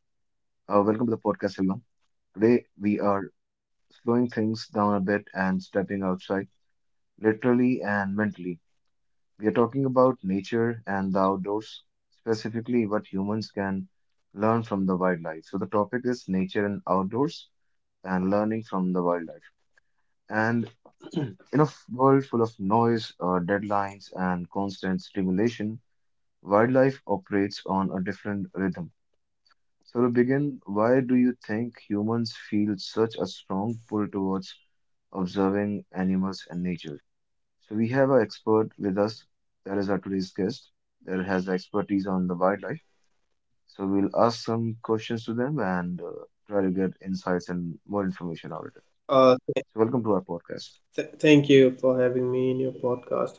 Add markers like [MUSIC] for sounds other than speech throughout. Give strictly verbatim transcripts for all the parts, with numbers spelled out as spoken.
Uh, welcome to the podcast, everyone. Today, we are slowing things down a bit and stepping outside, literally and mentally. We are talking about nature and the outdoors, specifically what humans can learn from the wildlife. So, the topic is nature and outdoors and learning from the wildlife. And [CLEARS THROAT] in a world full of noise, uh, deadlines, and constant stimulation, wildlife operates on a different rhythm. So to begin, why do you think humans feel such a strong pull towards observing animals and nature? So we have an expert with us, that is our today's guest, that has expertise on the wildlife. So we'll ask some questions to them and uh, try to get insights and more information out of it. Uh, So welcome to our podcast. th thank you for having me in your podcast.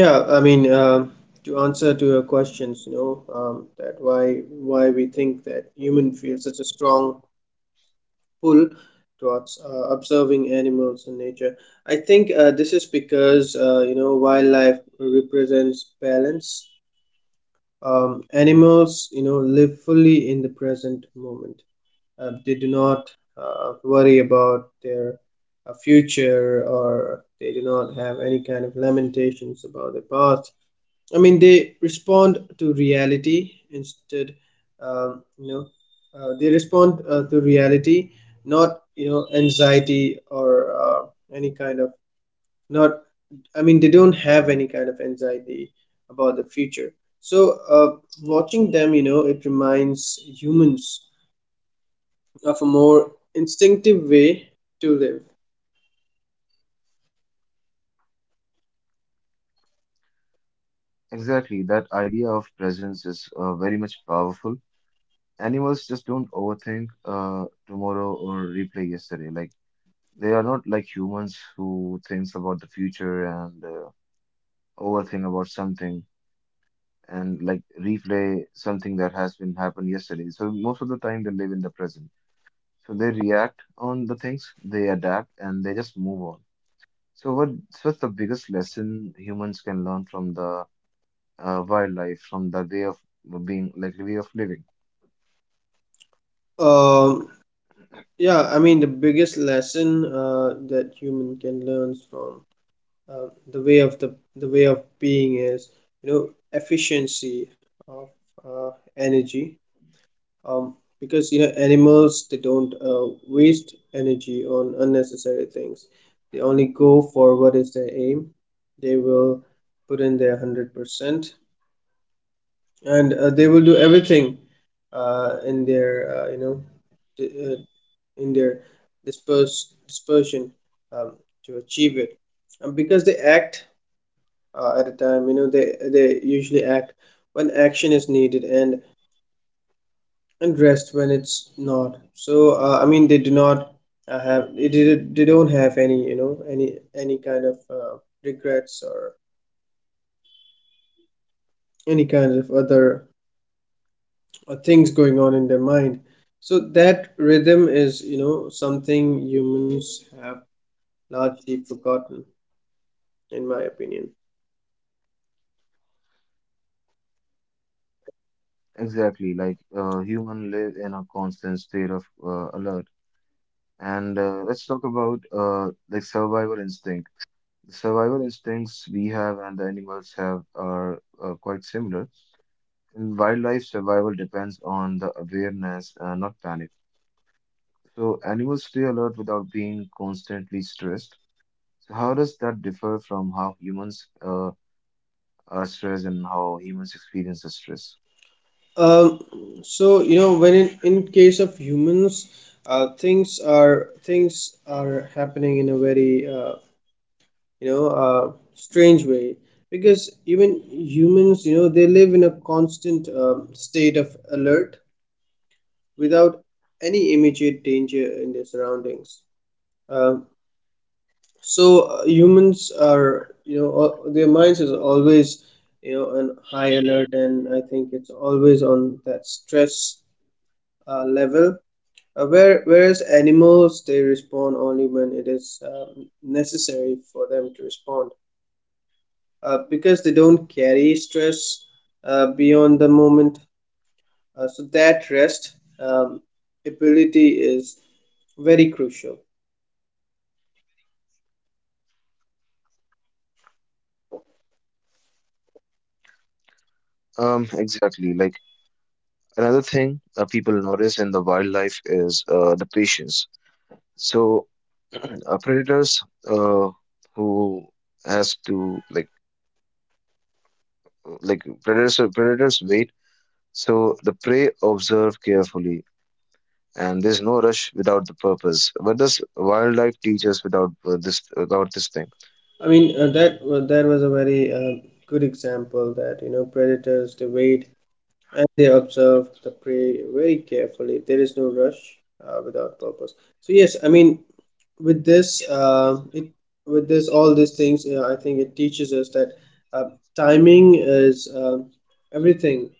Yeah, I mean, um, to answer to your questions, you know, um, that why why we think that human feel such a strong pull towards uh, observing animals in nature. I think uh, this is because uh, you know wildlife represents balance. Um, Animals, you know, live fully in the present moment, uh, they do not uh, worry about their uh, future, or they do not have any kind of lamentations about their past. I mean, they respond to reality instead. um, you know uh, they respond uh, to reality, not, you know, anxiety or uh, any kind of not I mean, they don't have any kind of anxiety about the future. So uh, watching them, you know, it reminds humans of a more instinctive way to live. Exactly, that idea of presence is uh, very much powerful. Animals just don't overthink uh, tomorrow or replay yesterday. Like they are not like humans who thinks about the future and uh, overthink about something and like replay something that has been happened yesterday. So most of the time they live in the present. So they react on the things, they adapt, and they just move on. So what so what's the biggest lesson humans can learn from the uh, wildlife, from the way of being like way of living? Um, yeah, I mean, the biggest lesson uh, that human can learn from uh, the way of the the way of being is, you know, efficiency of uh, energy. Um, because, you know, animals, they don't uh, waste energy on unnecessary things. They only go for what is their aim. They will put in their hundred percent, and uh, they will do everything uh, in their uh, you know d- uh, in their disperse dispersion um, to achieve it. And because they act uh, at a time, you know, they they usually act when action is needed, and and rest when it's not. So uh, I mean, they do not uh, have they, did they don't have any, you know any any kind of uh, regrets or any kind of other uh, things going on in their mind. So that rhythm is, you know, something humans have largely forgotten, in my opinion. Exactly, like uh, human live in a constant state of uh, alert. And uh, let's talk about uh, like survival instinct. The survival instincts we have and the animals have are uh, quite similar. In wildlife, survival depends on the awareness, uh, not panic. So animals stay alert without being constantly stressed. So how does that differ from how humans uh, are stressed and how humans experience the stress? Um, so you know, when in, in case of humans, uh, things are things are happening in a very uh, you know uh, strange way, because even humans, you know, they live in a constant um, state of alert without any immediate danger in their surroundings. Um so uh, Humans are, you know, al- their minds is always, you know, on high alert, and I think it's always on that stress uh, level. Uh, where, whereas animals, they respond only when it is um, necessary for them to respond, uh, because they don't carry stress uh, beyond the moment. Uh, so that rest um, ability is very crucial. Um, exactly. Like another thing uh, people notice in the wildlife is uh, the patience. So [CLEARS THROAT] uh, predators uh, who has to like like predators predators wait, so the prey observe carefully, and there's no rush without the purpose. What does wildlife teach us without uh, this about this thing? I mean, uh, that wa- that was a very uh, good example that, you know, predators, they wait and they observe the prey very carefully. There is no rush uh, without purpose. So yes, I mean, with this, uh, it with this all these things, you I think it teaches us that uh, timing is uh, everything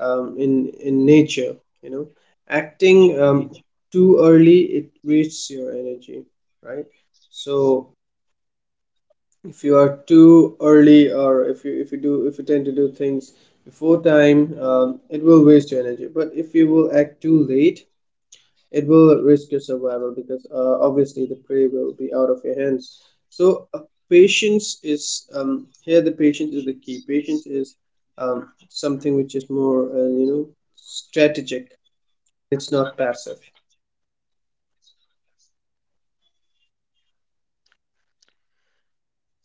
um, in in nature. You know, acting um, too early, it wastes your energy, right? So if you are too early, or if you if you do if you tend to do things before time, um, it will waste your energy, but if you will act too late, it will risk your survival, because uh, obviously the prey will be out of your hands. So uh, patience is, um, here the patience is the key. Patience is um, something which is more uh, you know strategic. It's not passive.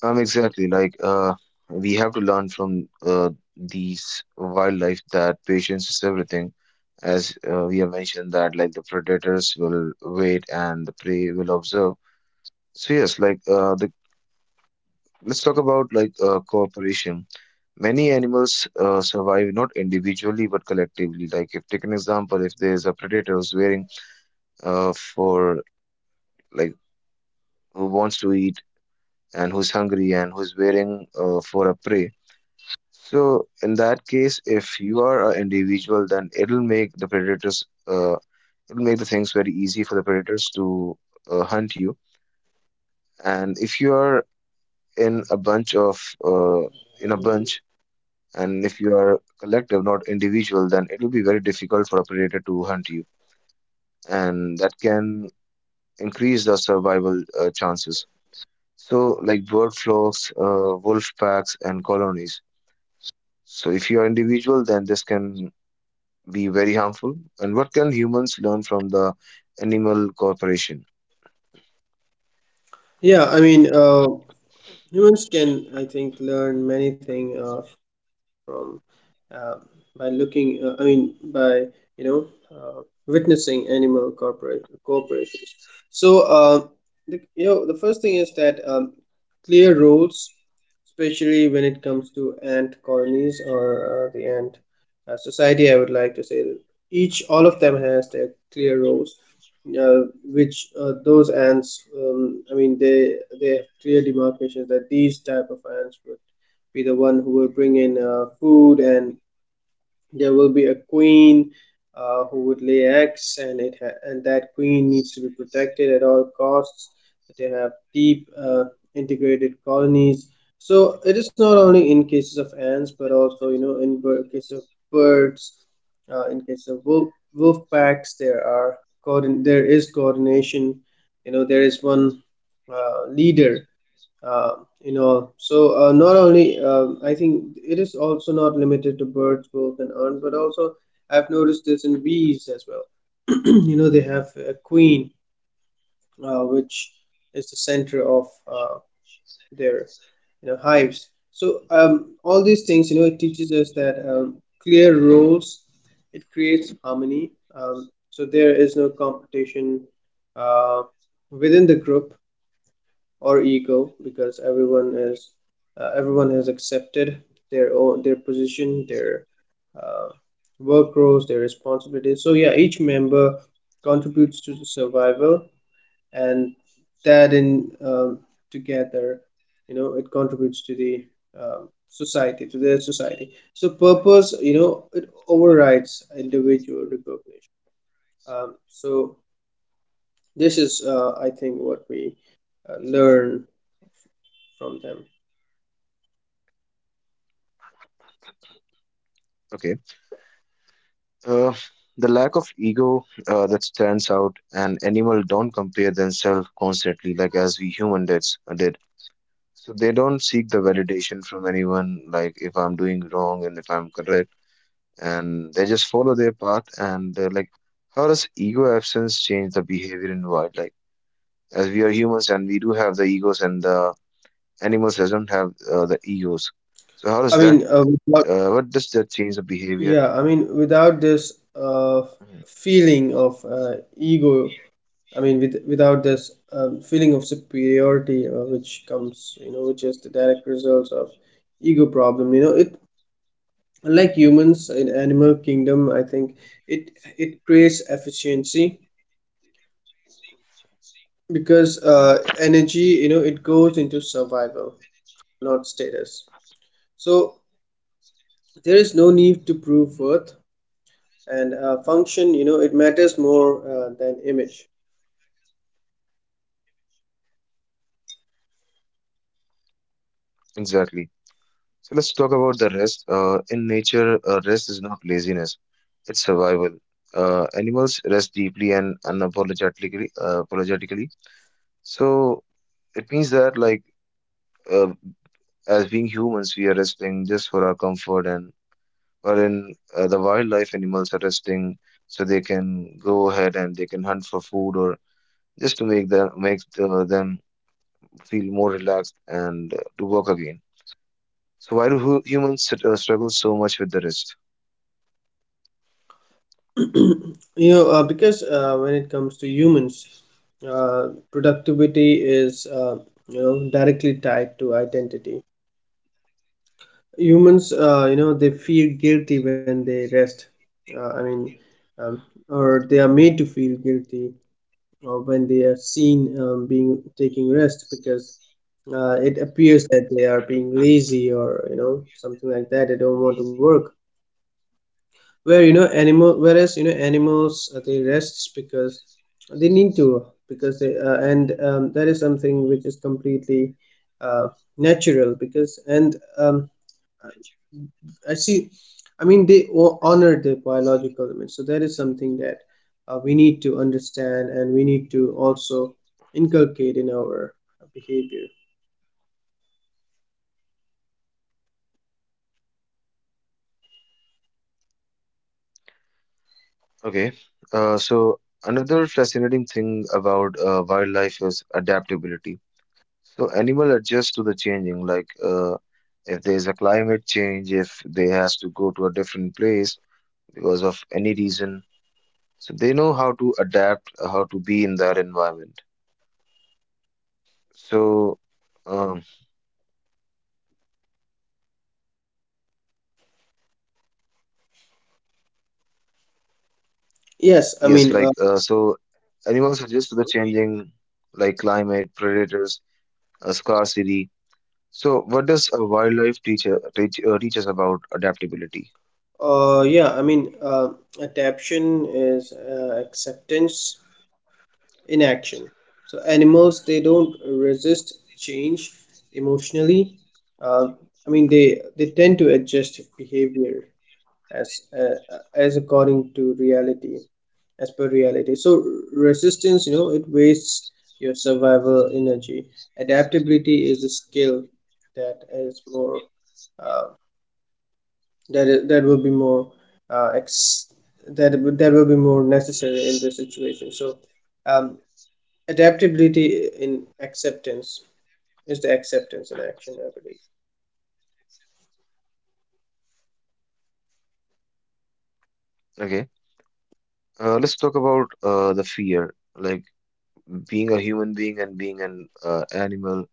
Um exactly like uh we have to learn from uh, these wildlife that patience is everything, as uh, we have mentioned that like the predators will wait and the prey will observe. So yes, like uh the let's talk about like uh, cooperation. Many animals uh, survive not individually but collectively. Like if take an example, if there's a predator who's wearing uh, for like who wants to eat and who's hungry and who's wearing uh, for a prey. So in that case, if you are an individual, then it'll make the predators uh, it'll make the things very easy for the predators to uh, hunt you. And if you are in a bunch of uh, in a bunch, and if you are collective, not individual, then it will be very difficult for a predator to hunt you, and that can increase the survival uh, chances. So, like bird flocks, uh, wolf packs, and colonies. So, if you are individual, then this can be very harmful. And what can humans learn from the animal corporation? Yeah, I mean, uh, humans can, I think, learn many things uh, from, uh, by looking uh, I mean, by, you know uh, witnessing animal corporate corporations. So uh, the, you know, the first thing is that, um, clear roles, especially when it comes to ant colonies, or uh, the ant uh, society, I would like to say that each all of them has their clear roles, uh, which uh, those ants, um, I mean, they they have clear demarcations that these type of ants would be the one who will bring in uh, food, and there will be a queen uh, who would lay eggs, and it ha- and that queen needs to be protected at all costs. They have deep uh, integrated colonies. So it is not only in cases of ants, but also, you know, in bir- cases of birds, uh, in case of wolf, wolf packs, there are coordin- there is coordination. You know, there is one uh, leader. Uh, you know, so uh, Not only, um I think it is also not limited to birds, wolves, and urn, but also I've noticed this in bees as well. [CLEARS THROAT] You know, they have a queen, uh, which is the center of uh, their you know, hives. So um, all these things, you know, it teaches us that, um, clear roles, it creates harmony, um, so there is no competition uh, within the group, or ego, because everyone is uh, everyone has accepted their own, their position, their uh, work roles, their responsibilities. So yeah, each member contributes to the survival, and that in um, together, you know, it contributes to the um, society to their society. So purpose, you know, it overrides individual recognition. Um, so this is uh, I think what we uh, learn from them. Okay, uh, the lack of ego uh, that stands out, and animal don't compare themselves constantly, like as we human did. did So they don't seek the validation from anyone, like if I'm doing wrong and if I'm correct, and they just follow their path. And they're like, how does ego absence change the behavior in wild? Like, as we are humans and we do have the egos, and the animals doesn't have uh, the egos. So how I does that? mean uh, without, Uh, what does that change the behavior? Yeah, I mean, without this uh, Mhm. feeling of uh, ego, I mean, with, without this um, feeling of superiority, uh, which comes, you know, which is the direct results of ego problem. You know, it unlike humans, in animal kingdom, I think it it creates efficiency, because uh, energy, you know, it goes into survival, not status. So there is no need to prove worth, and uh, function, you know, it matters more uh, than image. Exactly. So let's talk about the rest. Uh, in nature, uh, rest is not laziness; it's survival. Uh, animals rest deeply and unapologetically. Uh, apologetically, so it means that, like, uh, as being humans, we are resting just for our comfort, and wherein uh, the wildlife animals are resting so they can go ahead and they can hunt for food or just to make them make uh, them feel more relaxed and uh, to work again. So why do hu- humans sit- uh, struggle so much with the rest? [CLEARS THROAT] You know, uh, because uh, when it comes to humans, uh, productivity is, uh, you know directly tied to identity. Humans, uh, you know, they feel guilty when they rest. Uh, I mean, um, or they are made to feel guilty, or when they are seen um, being taking rest, because uh, it appears that they are being lazy, or, you know, something like that. They don't want to work. Where you know animal whereas you know, animals, uh, they rests because they need to, because they uh, and um, that is something which is completely uh, natural, because and um, I see I mean, they o- honor their biological limits. So that is something that uh, we need to understand, and we need to also inculcate in our behavior. Okay, uh, so another fascinating thing about uh, wildlife is adaptability. So animal adjust to the changing, like uh, if there's a climate change, if they has to go to a different place because of any reason, so they know how to adapt, uh, how to be in that environment. So um, yes I yes, mean like uh, uh, so animals adjust to the changing, like climate, predators, uh, scarcity. So what does a wildlife teacher teach, uh, teach us about adaptability? uh, yeah, I mean, uh, adaptation is uh, acceptance in action. So animals, they don't resist change emotionally. uh, I mean, they they tend to adjust behavior as uh, as according to reality, as per reality. So resistance, you know, it wastes your survival energy. Adaptability is a skill that is more uh, that is, that will be more uh, ex- that that will be more necessary in this situation. So um, adaptability in acceptance is the acceptance in action, I believe. Okay, uh, let's talk about uh, the fear. Like being a human being and being an uh, animal,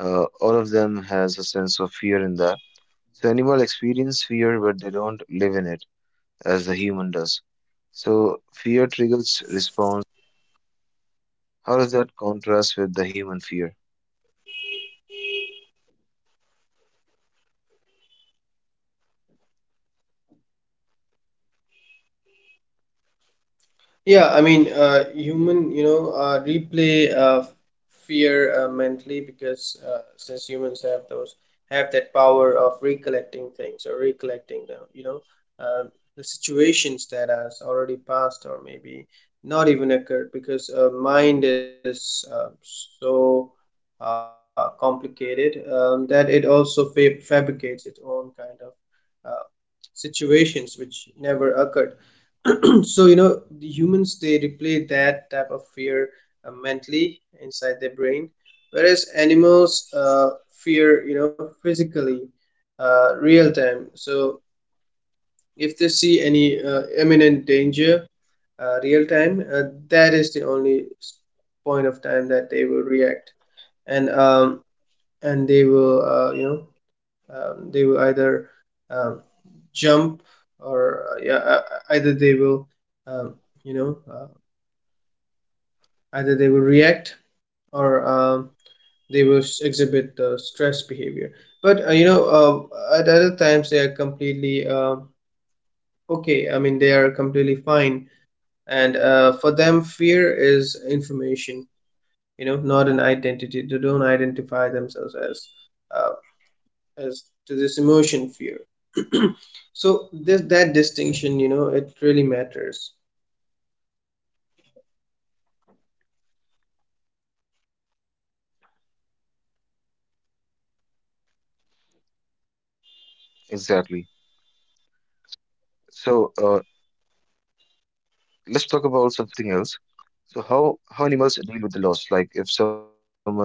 uh, all of them has a sense of fear in that. So animal experience fear, but they don't live in it as the human does. So fear triggers response. How does that contrast with the human fear? Yeah, I mean, uh, human, you know, uh, replay uh, fear uh, mentally, because uh, since humans have those have that power of recollecting things, or recollecting the, you know, uh, the situations that has already passed, or maybe not even occurred, because uh, mind is, uh, so uh, complicated, um, that it also fa- fabricates its own kind of uh, situations which never occurred. [CLEARS THROAT] So, you know, the humans, they replay that type of fear uh, mentally inside their brain, whereas animals uh, fear, you know, physically, uh, real time. So if they see any uh, imminent danger uh, real time, uh, that is the only s- point of time that they will react. And um and they will, uh, you know um, they will either um, jump or uh, yeah, uh, either they will um, you know uh, either they will react, or um, they will exhibit the stress behavior. But uh, you know, uh, at other times, they are completely uh, okay. I mean, they are completely fine, and uh, for them, fear is information. You know, not an identity. They don't identify themselves as uh, as to this emotion, fear. So this that distinction, you know, it really matters. Exactly. So uh, let's talk about something else. So how how animals deal with the loss, like if someone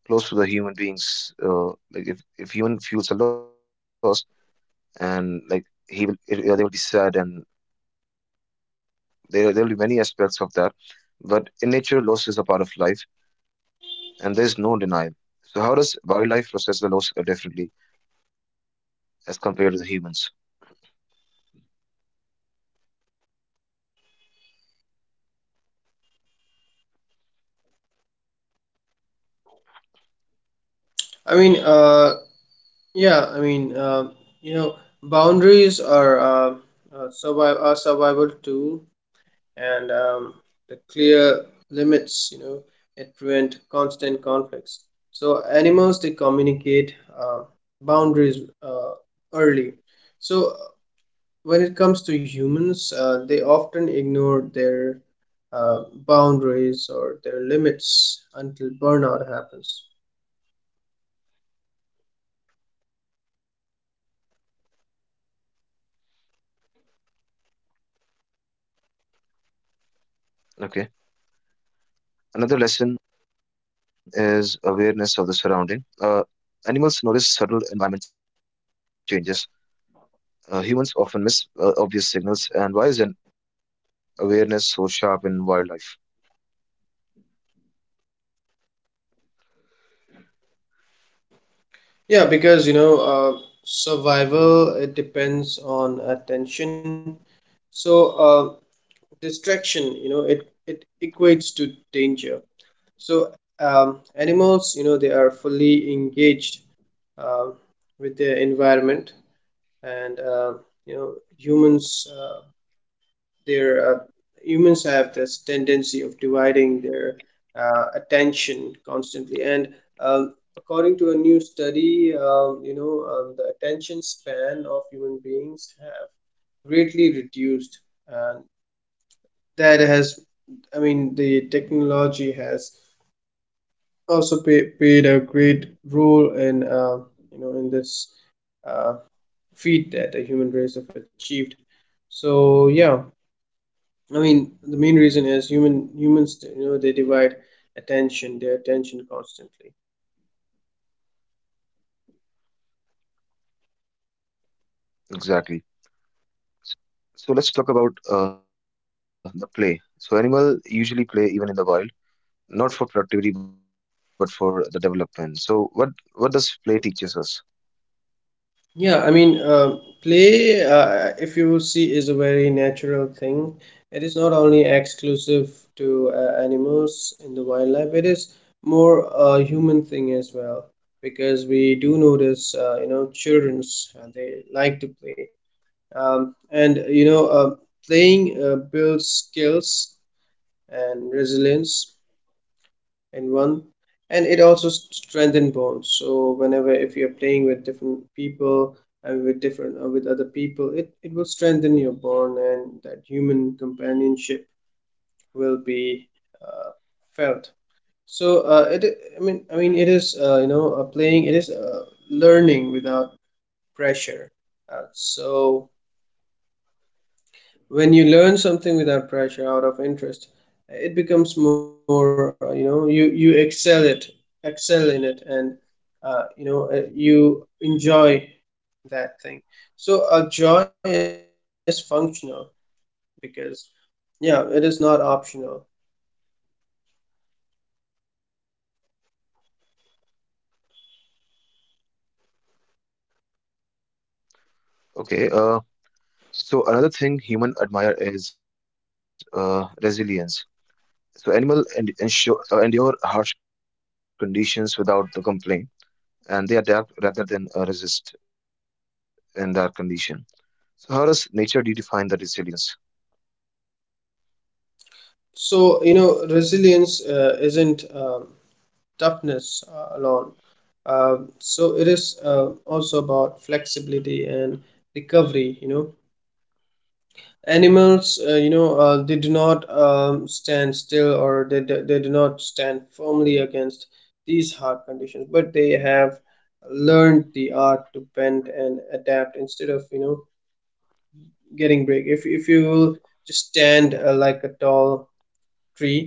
close to the human beings, uh, like if if human feels a loss, and like he will it, uh, they will be sad, and there there will be many aspects of that. But in nature loss is a part of life, and there's no denial. So how does wildlife process the loss uh, differently as compared to the humans? i mean uh yeah I mean, uh, you know, boundaries are, uh, uh, survive are survival tool. And um, the clear limits, you know, it prevent constant conflicts. So animals, they communicate uh, boundaries uh, early. So uh, when it comes to humans, uh, they often ignore their uh, boundaries or their limits until burnout happens. Okay, another lesson is awareness of the surrounding. Uh, animals notice subtle environment changes. Uh, humans often miss uh, obvious signals. And why is an awareness so sharp in wildlife? Yeah, because, you know, uh, survival, it depends on attention. So uh, distraction, you know, it it equates to danger. So um, animals, you know, they are fully engaged uh, with their environment, and uh, you know, humans. Uh, their uh, humans have this tendency of dividing their uh, attention constantly, and um, according to a new study, um, you know um, the attention span of human beings have greatly reduced, and that has, i mean the technology has also pay, played a great role in uh, you know in this uh, feat that the human race have achieved. So yeah, I mean, the main reason is human humans, you know, they divide attention, their attention constantly. Exactly. So let's talk about uh, the play. So animal usually play even in the wild, not for productivity but for the development. So what what does play teaches us? Yeah, I mean, uh, play, uh, if you see, is a very natural thing. It is not only exclusive to uh, animals in the wildlife, it is more a human thing as well. Because we do notice, uh, you know, children's, uh, they like to play. Um, and, you know, uh, playing uh, builds skills and resilience. And one and it also strengthens strengthen bonds. So whenever, if you're playing with different people and with different uh, with other people, it, it will strengthen your bond, and that human companionship will be uh, felt. So uh, it, i mean i mean it is, uh, you know uh, playing, it is uh, learning without pressure. Uh, so when you learn something without pressure, out of interest, it becomes more, uh, you know you you excel it excel in it, and uh, you know uh, you enjoy that thing. So a joy is functional, because yeah, it is not optional. Okay. Uh, so another thing human admire is uh, resilience. So animal and ensure uh, endure harsh conditions without the complaint, and they adapt rather than uh, resist in that condition. So how does nature redefine the resilience? So you know, resilience uh, isn't um, toughness uh, alone. Uh, so it is, uh, also about flexibility and recovery. You know, animals, uh, you know uh, they do not, um, stand still, or they, do- they do not stand firmly against these hard conditions, but they have learned the art to bend and adapt instead of, you know, getting break. If, if you will just stand uh, like a tall tree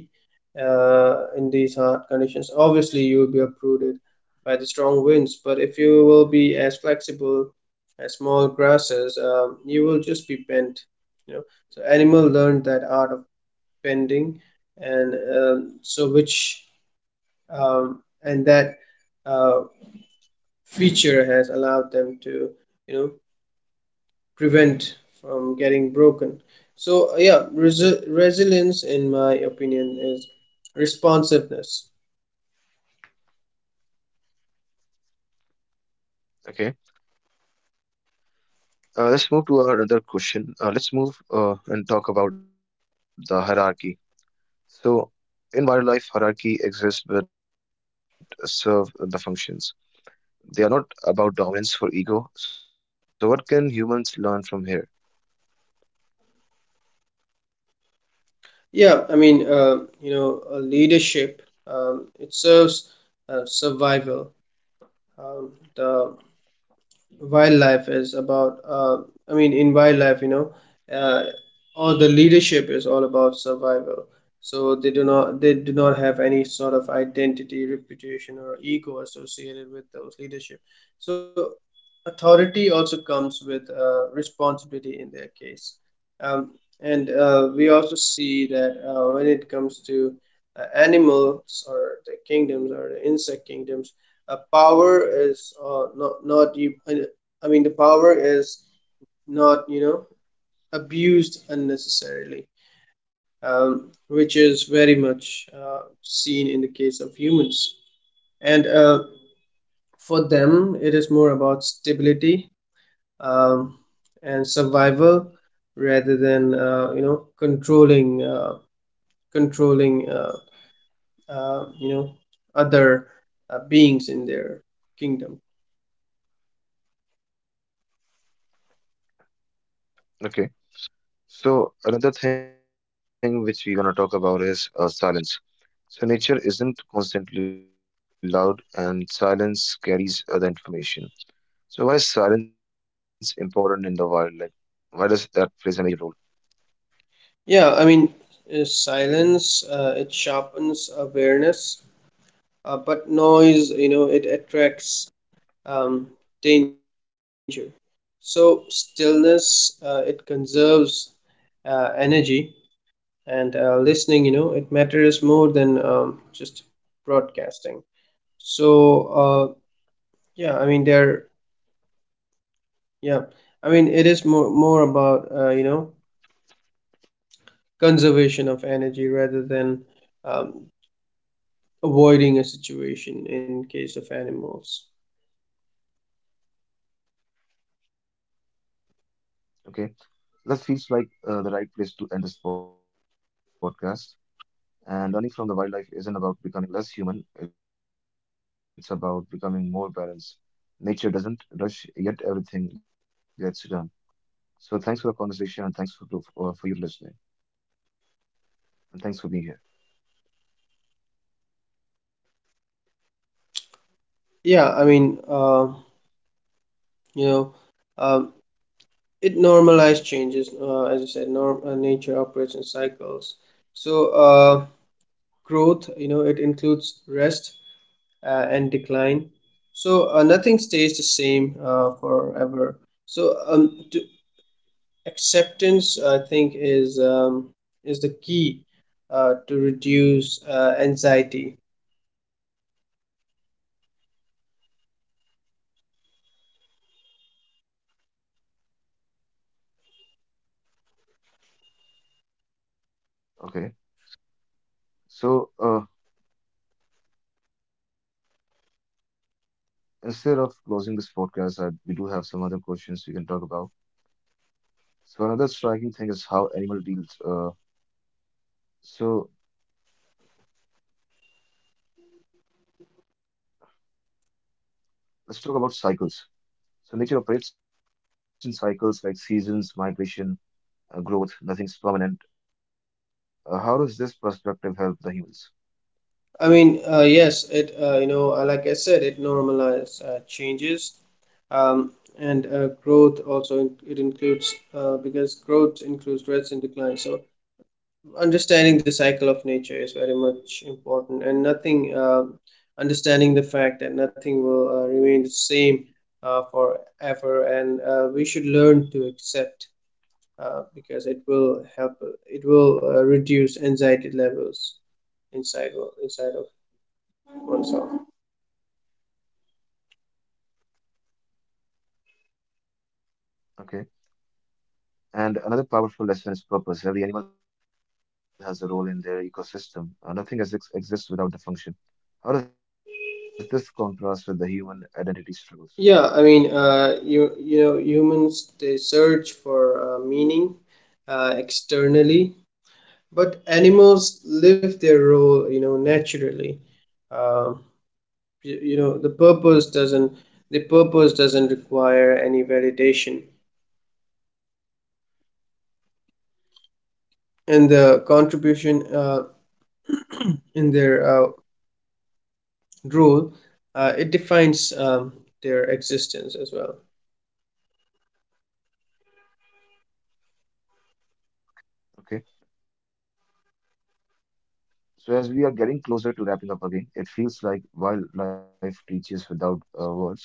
uh, in these hard conditions, obviously you will be uprooted by the strong winds, but if you will be as flexible as small grasses, um, you will just be bent. You know, so animal learned that art of bending, and um, so which um, and that uh, feature has allowed them to, you know, prevent from getting broken. So yeah, res resilience, in my opinion, is responsiveness. Okay. Uh, let's move to our other question. Uh, let's move uh, and talk about the hierarchy. So, in wildlife, hierarchy exists but serve the functions. They are not about dominance for ego. So, what can humans learn from here? Yeah, I mean, uh, you know, uh, leadership, um, it serves uh, survival. Um, the wildlife is about, uh, I mean, In wildlife, you know, uh, all the leadership is all about survival. So they do not, they do not have any sort of identity, reputation, or ego associated with those leadership. So authority also comes with uh, responsibility in their case. Um, and uh, we also see that uh, when it comes to uh, animals or the kingdoms or the insect kingdoms, uh, power is uh, not not you. I mean, the power is not, you know, abused unnecessarily, um, which is very much uh, seen in the case of humans. And uh, for them, it is more about stability um, and survival rather than uh, you know controlling uh, controlling uh, uh, you know other uh, beings in their kingdom. Okay. So, another thing which we're gonna talk about is uh, silence. So, nature isn't constantly loud, and silence carries other information. So, why is silence important in the wildlife? Why does that plays a major role? Yeah, I mean, uh, silence, uh, it sharpens awareness, uh, but noise, you know, it attracts um, danger. So stillness, uh, it conserves uh, energy, and uh, listening, you know, it matters more than um, just broadcasting. So uh, yeah i mean there Yeah, I mean, it is more more about, uh, you know conservation of energy rather than um, avoiding a situation in case of animals. Okay. That feels like uh, the right place to end this podcast. And learning from the wildlife isn't about becoming less human, it's about becoming more balanced. Nature doesn't rush, yet everything gets done. So thanks for the conversation and thanks for to, uh, for you to listening, and thanks for being here. Yeah, I mean, uh, you know um, it normalized changes, uh, as I said. Norm uh, Nature operates in cycles, so uh, growth, you know, it includes rest uh, and decline. So uh, nothing stays the same uh, forever. So um, to acceptance, I think, is um, is the key uh, to reduce uh, anxiety. Okay. So uh, instead of closing this podcast, uh, we do have some other questions we can talk about. So another striking thing is how animal deals. Uh, so let's talk about cycles. So nature operates in cycles like seasons, migration, uh, growth, nothing is permanent. Uh, how does this perspective help the humans? I mean, uh, yes, it, uh, you know uh, like I said, it normalizes uh, changes, um, and uh, growth also in- it includes uh, because growth includes threats and decline. So understanding the cycle of nature is very much important, and nothing uh, understanding the fact that nothing will uh, remain the same uh, forever, and uh, we should learn to accept, uh, because it will help, it will uh, reduce anxiety levels inside inside of oneself. Okay. And another powerful lesson is purpose. Every animal has a role in their ecosystem. Uh, nothing ex- exists without the function. How does this contrast with the human identity struggles? Yeah, I mean, uh, you, you know, humans, they search for uh, meaning uh, externally, but animals live their role, you know, naturally. um, you, you know, the purpose doesn't the purpose doesn't require any validation, and the contribution uh, in their uh, rule, uh, it defines um, their existence as well. Okay. So as we are getting closer to wrapping up again, it feels like wildlife teaches without uh, words.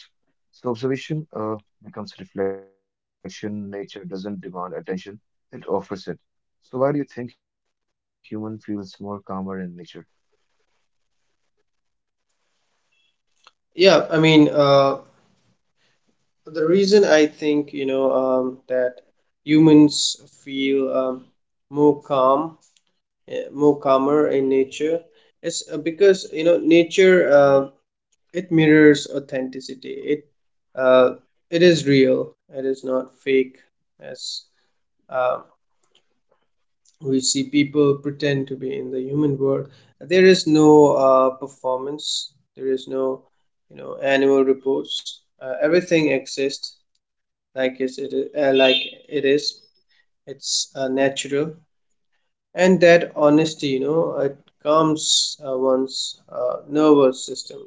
So observation uh, becomes reflection. Nature doesn't demand attention, it offers it. So why do you think human feels more calmer in nature? Yeah, I mean, uh, the reason, I think, you know, um, that humans feel, um, more calm eh, more calmer in nature, is uh, because, you know, nature, uh, it mirrors authenticity. It, uh, it is real, it is not fake. As um, we see people pretend to be in the human world, there is no uh, performance, there is no, you know, annual reports. Uh, everything exists like is it uh, like it is. It's uh, natural, and that honesty, you know, it calms uh, one's uh, nervous system.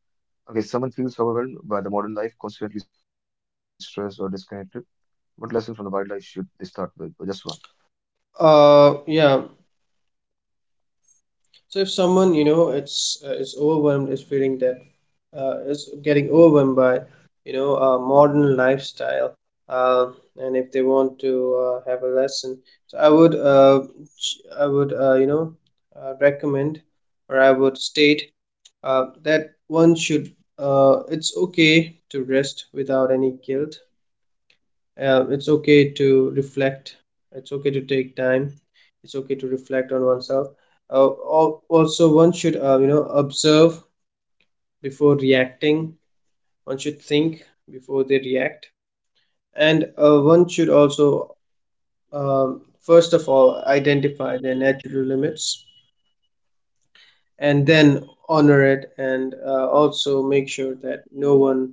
Okay, someone feels overwhelmed by the modern life, constantly stressed or disconnected. What lesson from the wildlife should they start with? Or just one? Uh yeah, so if someone, you know, it's uh, is overwhelmed is feeling that uh, is getting overwhelmed by, you know, a modern lifestyle, uh, and if they want to uh, have a lesson, so I would, uh, ch- I would, uh, you know uh, recommend, or I would state uh, that one should, uh, it's okay to rest without any guilt, uh, it's okay to reflect, it's okay to take time, it's okay to reflect on oneself. uh, al- Also, one should, uh, you know observe before reacting. One should think before they react. And uh, one should also, uh, first of all, identify their natural limits, and then honor it, and uh, also make sure that no one,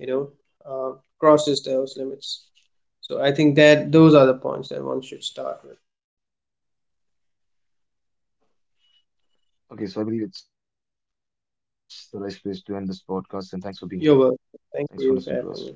you know uh, crosses those limits. So I think that those are the points that one should start with. Okay, so I believe it's the right place to end this podcast and thanks for being here. You're welcome, Thanks thank for you listening for to us. having me.